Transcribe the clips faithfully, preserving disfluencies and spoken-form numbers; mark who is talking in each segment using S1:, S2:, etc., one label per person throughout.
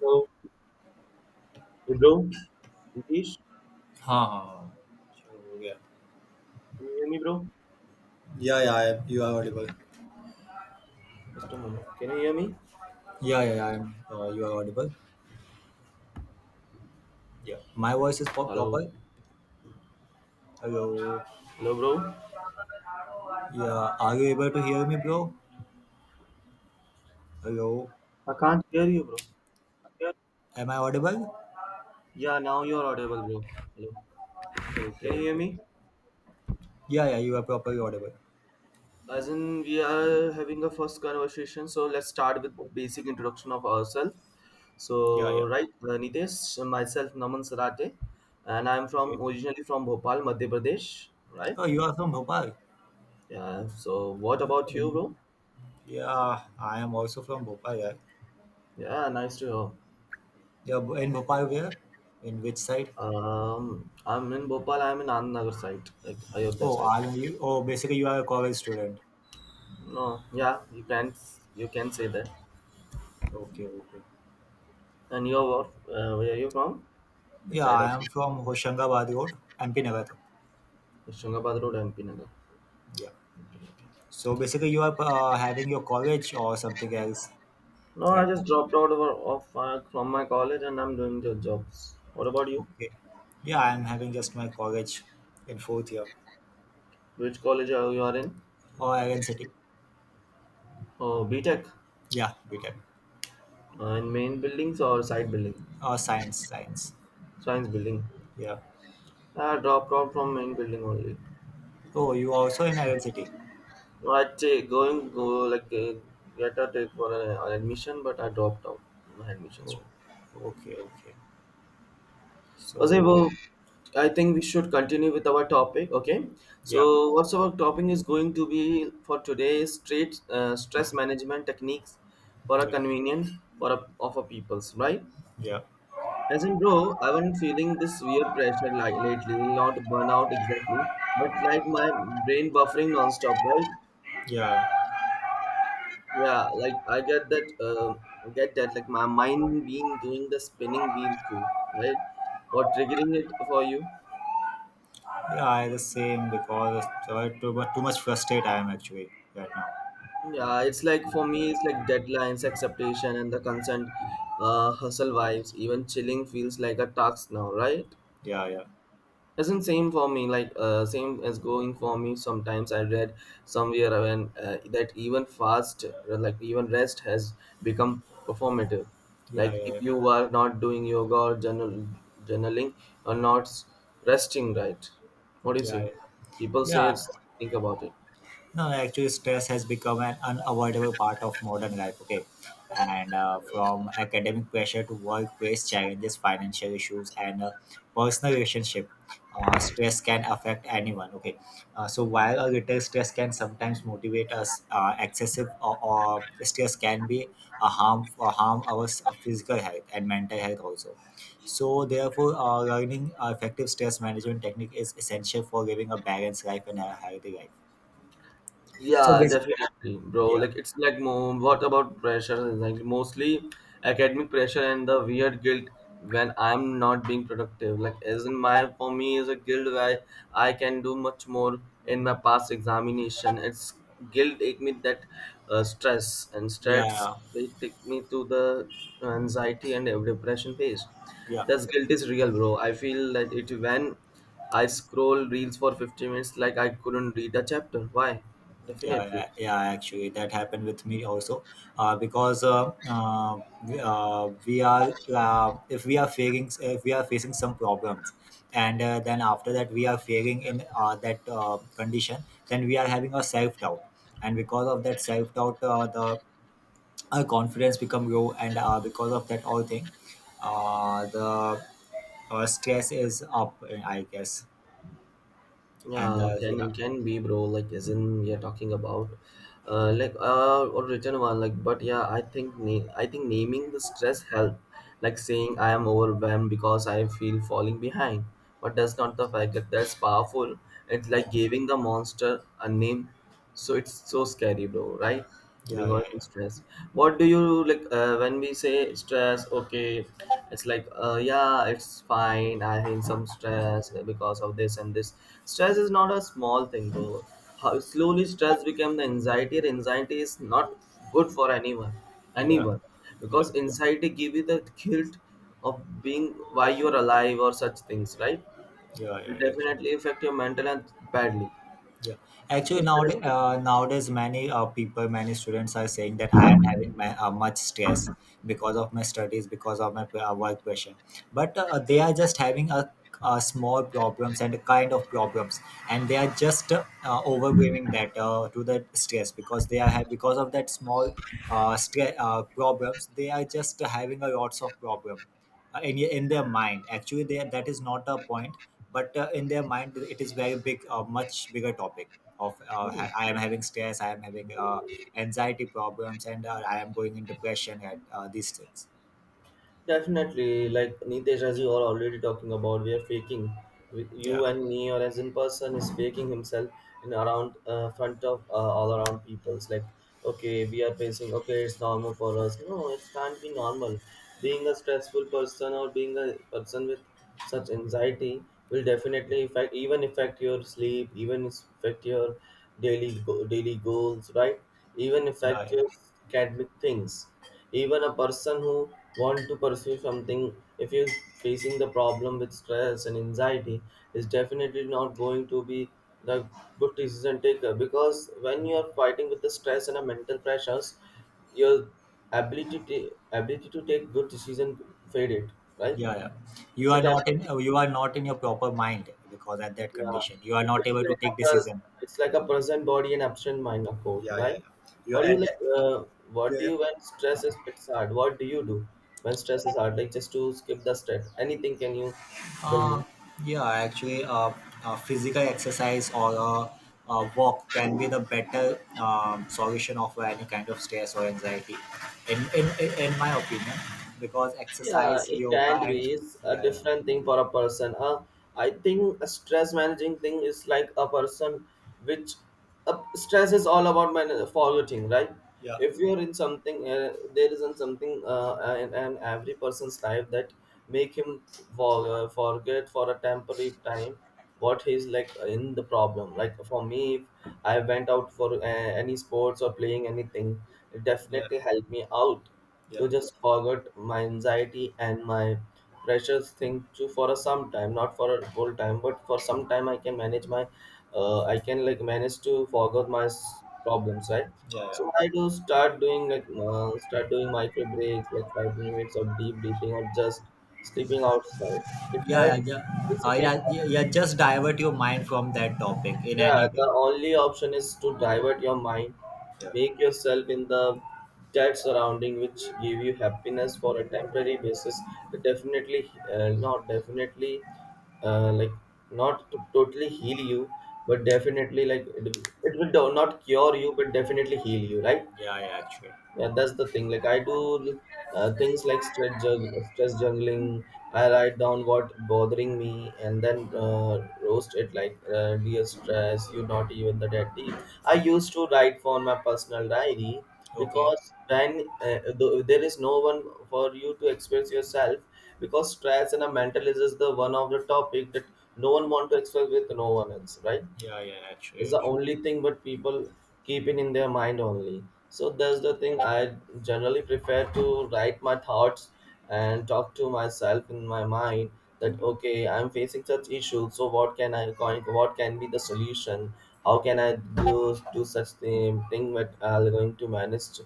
S1: Hello, hey bro, Nitish,
S2: हाँ हाँ हाँ हो गया
S1: can you hear me, bro?
S2: Yeah, yeah, I, you are audible.
S1: Just a moment. Can you hear me?
S2: Yeah yeah I am you are audible Yeah. My voice is
S1: Hello,
S2: proper hello
S1: hello, bro.
S2: Yeah are you able to hear me bro hello
S1: I can't hear you, bro.
S2: Am I audible
S1: Yeah, now you're audible, bro. Hello,
S2: okay
S1: can you hear
S2: okay
S1: me?
S2: Yeah yeah you are properly audible
S1: As in, we are having a first conversation, so let's start with basic introduction of ourselves.
S2: Yeah, yeah.
S1: So, right, uh, Nitesh, myself Naman Sarate, and I'm
S2: Okay.
S1: from originally from Bhopal, Madhya Pradesh, right?
S2: Oh, you are from Bhopal.
S1: Yeah. So, what about you,
S2: In,
S1: bro?
S2: yeah, I am also from Bhopal. Yeah,
S1: Yeah, nice to hear.
S2: yeah. b- In Bhopal, where? In which side?
S1: Um, I'm in Bhopal. I'm in Anandnagar side, like Ayodhya
S2: Oh,
S1: side.
S2: are you, oh, basically you are a college student.
S1: No, yeah, you can you can say that.
S2: Okay, okay.
S1: And your what? Uh, where are you from? This
S2: Yeah,
S1: side
S2: I
S1: of
S2: am from Hoshangabad Road, M P Nagar.
S1: Shungabad Road, M P Nagar.
S2: Yeah.
S1: Okay.
S2: So basically, you are uh, having your college or something else
S1: No, I
S2: right now.
S1: just dropped out of, of uh, from my college and I'm doing the jobs. What about you?
S2: Okay. Yeah, I'm having just my college in fourth year
S1: Which college are you are in?
S2: or Iron City.
S1: Oh, BTech.
S2: Yeah, B tech.
S1: Uh, in main buildings or side building?
S2: Or science, science.
S1: Science building.
S2: Yeah.
S1: I dropped out from main building only.
S2: Oh, you are also in Iron City.
S1: I'd say going go like uh, get a take for an, an admission, but I dropped out my admissions.
S2: Oh, okay, okay. So
S1: Gazebo, I think we should continue with our topic. Okay,
S2: yeah,
S1: so what's our topic is going to be for today is straight uh, stress management techniques for a
S2: yeah,
S1: convenience for a, of a people's right.
S2: yeah,
S1: As in, bro, I've been feeling this weird pressure like lately, not burnout exactly, but like my brain buffering nonstop, right?
S2: yeah.
S1: Yeah, like I get that. Uh, get that. Like my mind being doing the spinning wheel too, right? Or triggering it for you.
S2: Yeah, I the same because I too much too much frustrated I am actually right now.
S1: Yeah, it's like for me, it's like deadlines, acceptation, and the consent, uh, hustle vibes. Even chilling feels like a task now, right?
S2: Yeah, yeah,
S1: Isn't same for me like uh, same as going for me. Sometimes I read somewhere when uh, that even fast uh, like even rest has become performative.
S2: yeah,
S1: Like
S2: yeah, yeah,
S1: if you are not doing yoga or journal journaling or not resting, right? What do you
S2: yeah,
S1: say
S2: yeah,
S1: people say?
S2: yeah.
S1: It's, think about it.
S2: No, no, actually, stress has become an unavoidable part of modern life. Okay, and uh, from academic pressure to workplace challenges, financial issues, and uh, personal relationship, uh, stress can affect anyone. Okay, uh, so while a little stress can sometimes motivate us, uh, excessive or, or stress can be a harm or harm our s- uh, physical health and mental health also. So, therefore, uh, learning uh, effective stress management technique is essential for living a balanced life and a healthy life. So
S1: Yeah, definitely, bro.
S2: yeah,
S1: Like it's like more what about pressure? Like mostly academic pressure and the weird guilt when I'm not being productive. Like as in my for me is a guilt where I can do much more in my past examination. It's guilt take me that uh, stress and stress
S2: yeah,
S1: they take me to the anxiety and depression phase.
S2: yeah,
S1: That's guilt is real, bro. I feel that it when I scroll reels for fifty minutes, like I couldn't read a chapter. Why?
S2: yeah,
S1: Definitely.
S2: yeah, yeah, actually, that happened with me also, uh, because uh, uh, we, uh, we are uh, if we are facing if we are facing some problems, and uh, then after that we are failing in uh, that uh, condition, then we are having a self doubt, and because of that self doubt, uh, the our confidence become low, and uh, because of that all thing, uh, the uh, stress is up, I guess, and
S1: Yeah,
S2: uh,
S1: can
S2: yeah,
S1: it can be, bro. Like, as in we are talking about, uh, like uh, or written one. Like, but yeah, I think na- I think naming the stress help. Like saying I am overwhelmed because I feel falling behind. But that's not the fact that that's powerful. It's like giving the monster a name. So it's so scary, bro, right?
S2: yeah,
S1: Being
S2: yeah, yeah,
S1: always in
S2: yeah,
S1: stress. What do you like uh, when we say stress? Okay, it's like, uh, yeah, it's fine. I'm in some stress because of this and this. Stress is not a small thing, bro. How slowly stress became the anxiety, and anxiety is not good for anyone,
S2: yeah,
S1: anyone,
S2: yeah.
S1: because anxiety give you the guilt of being why you are alive or such things, right?
S2: Yeah, yeah,
S1: It
S2: yeah, actually,
S1: definitely affect your mental health badly.
S2: yeah. Actually,
S1: So
S2: nowadays, uh, nowadays, many uh, people, many students are saying that I am having my, uh, much stress because of my studies, because of my uh, work pressure. But uh, they are just having a, a small problems and a kind of problems, and they are just uh, uh, overwhelming that uh, to that stress because they are have because of that small uh, stress uh, problems. They are just having a lots of problem uh, in in their mind. Actually, they, that is not a point, but uh, in their mind, it is very big, a much bigger topic of uh, ha-
S1: stress,
S2: I am having stress, I am having uh, anxiety problems, and uh, I am going in depression at uh, these things.
S1: definitely, like Nitesh, as you are already talking about, we are faking. We- You
S2: Yeah,
S1: and me, or as in person, is faking himself in around uh, front of uh, all around people's. Like, okay, we are facing. Okay, it's normal for us. No, it can't be normal. Being a stressful person or being a person with such anxiety will definitely affect even affect your sleep, even is- affect your daily go- daily goals, right, even
S2: yeah,
S1: affect
S2: yeah.
S1: your academic things, even a person who want to pursue something, if you're facing the problem with stress and anxiety, is definitely not going to be the good decision taker because when you are fighting with the stress and the mental pressures your ability to, ability to take good decision faded, right?
S2: Yeah, yeah.
S1: it's
S2: You
S1: a
S2: are not in
S1: temp-
S2: uh, you are not in your proper mind because at that
S1: yeah,
S2: condition you are not
S1: it's
S2: able to
S1: like a
S2: take
S1: pres-
S2: decision.
S1: it's like a present body and absent mind, a quote,
S2: Yeah, yeah,
S1: right?
S2: yeah. You are
S1: What do you
S2: at
S1: like?
S2: that,
S1: Uh, what do
S2: yeah.
S1: you when stress is it's hard? What do you do when stress is hard? Like just to skip the stress, anything can you?
S2: Uh, yeah, actually, uh, uh, physical exercise or a, a walk can be the better um, solution of any kind of stress or anxiety, in, in, in in my opinion, because
S1: Yeah,
S2: exercise,
S1: it
S2: yoga,
S1: can be.
S2: and
S1: It's a
S2: yeah, yeah,
S1: different thing for a person. Uh, I think a stress managing thing is like a person which uh, stress is all about man- forgetting, right?
S2: yeah,
S1: If you're in something, uh, there isn't something uh, uh, in, in every person's life that make him for, uh, forget for a temporary time what he's like in the problem. Like for me, if I went out for uh, any sports or playing anything, it
S2: yeah,
S1: definitely helped me out
S2: yeah, yeah,
S1: to just forget my anxiety and my precious thing to for a some time, not for a whole time but for some time. I can manage my uh, I can like manage to forget my s- problems, right? So I do start doing like uh, start doing micro breaks like five minutes of deep breathing or just sleeping outside. It
S2: yeah, yeah,
S1: helps
S2: yeah, uh,
S1: basically.
S2: yeah, yeah, yeah, just divert your mind from that topic in
S1: Yeah,
S2: any
S1: the
S2: way.
S1: only option is to divert your mind,
S2: Yeah,
S1: make yourself in the that surrounding which give you happiness for a temporary basis. Definitely, uh, not definitely, uh, like not to totally heal you, but definitely like it, it will do- not cure you, but definitely heal you, right?
S2: yeah, yeah, actually,
S1: Yeah, that's the thing. Like I do uh, things like stress jug stress juggling. I write down what bothering me and then uh, roast it like uh, dear stress, you not even the dead deep. I used to write for my personal diary
S2: okay,
S1: because when uh, th- there is no one for you to express yourself because stress and a mental is just the one of the topic that no one want to express with no one else, right?
S2: yeah, yeah, actually,
S1: It's the
S2: actually.
S1: only thing, but people keep it in their mind only. So that's the thing, I generally prefer to write my thoughts and talk to myself in my mind that okay, I'm facing such issues, so what can I going, what can be the solution, how can I do do such thing thing that I'm going to manage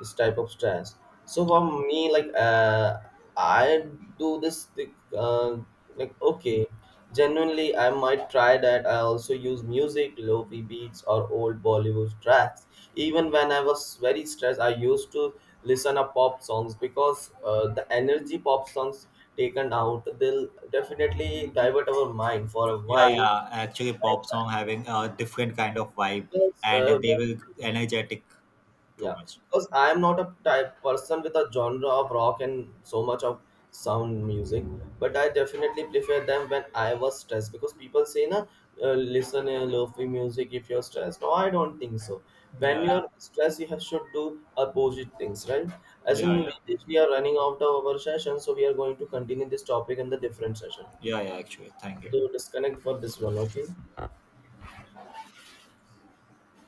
S1: this type of stress. So for me like uh, I do this thing. Uh, like, okay. Genuinely, I might try that. I also use music, lofi beats, or old Bollywood tracks. Even when I was very stressed, I used to listen to pop songs because uh, the energy pop songs taken out, they'll definitely divert our mind for a
S2: Yeah,
S1: while.
S2: yeah. Actually, pop
S1: Right?
S2: song having a different kind of vibe,
S1: Because uh,
S2: and they will energetic too
S1: yeah,
S2: much.
S1: because I am not a type person with a genre of rock and so much of sound music, but I definitely prefer them when I was stressed. Because people say, "Na, uh, listen to lofi music if you're stressed." No, I don't think so. When
S2: Yeah,
S1: you're stressed, you have, should do opposite things, right? As
S2: yeah,
S1: in,
S2: yeah,
S1: Ritesh, we are running out of our session, so we are going to continue this topic in the different session.
S2: yeah, yeah. Actually, thank
S1: So
S2: you.
S1: disconnect for this one, okay?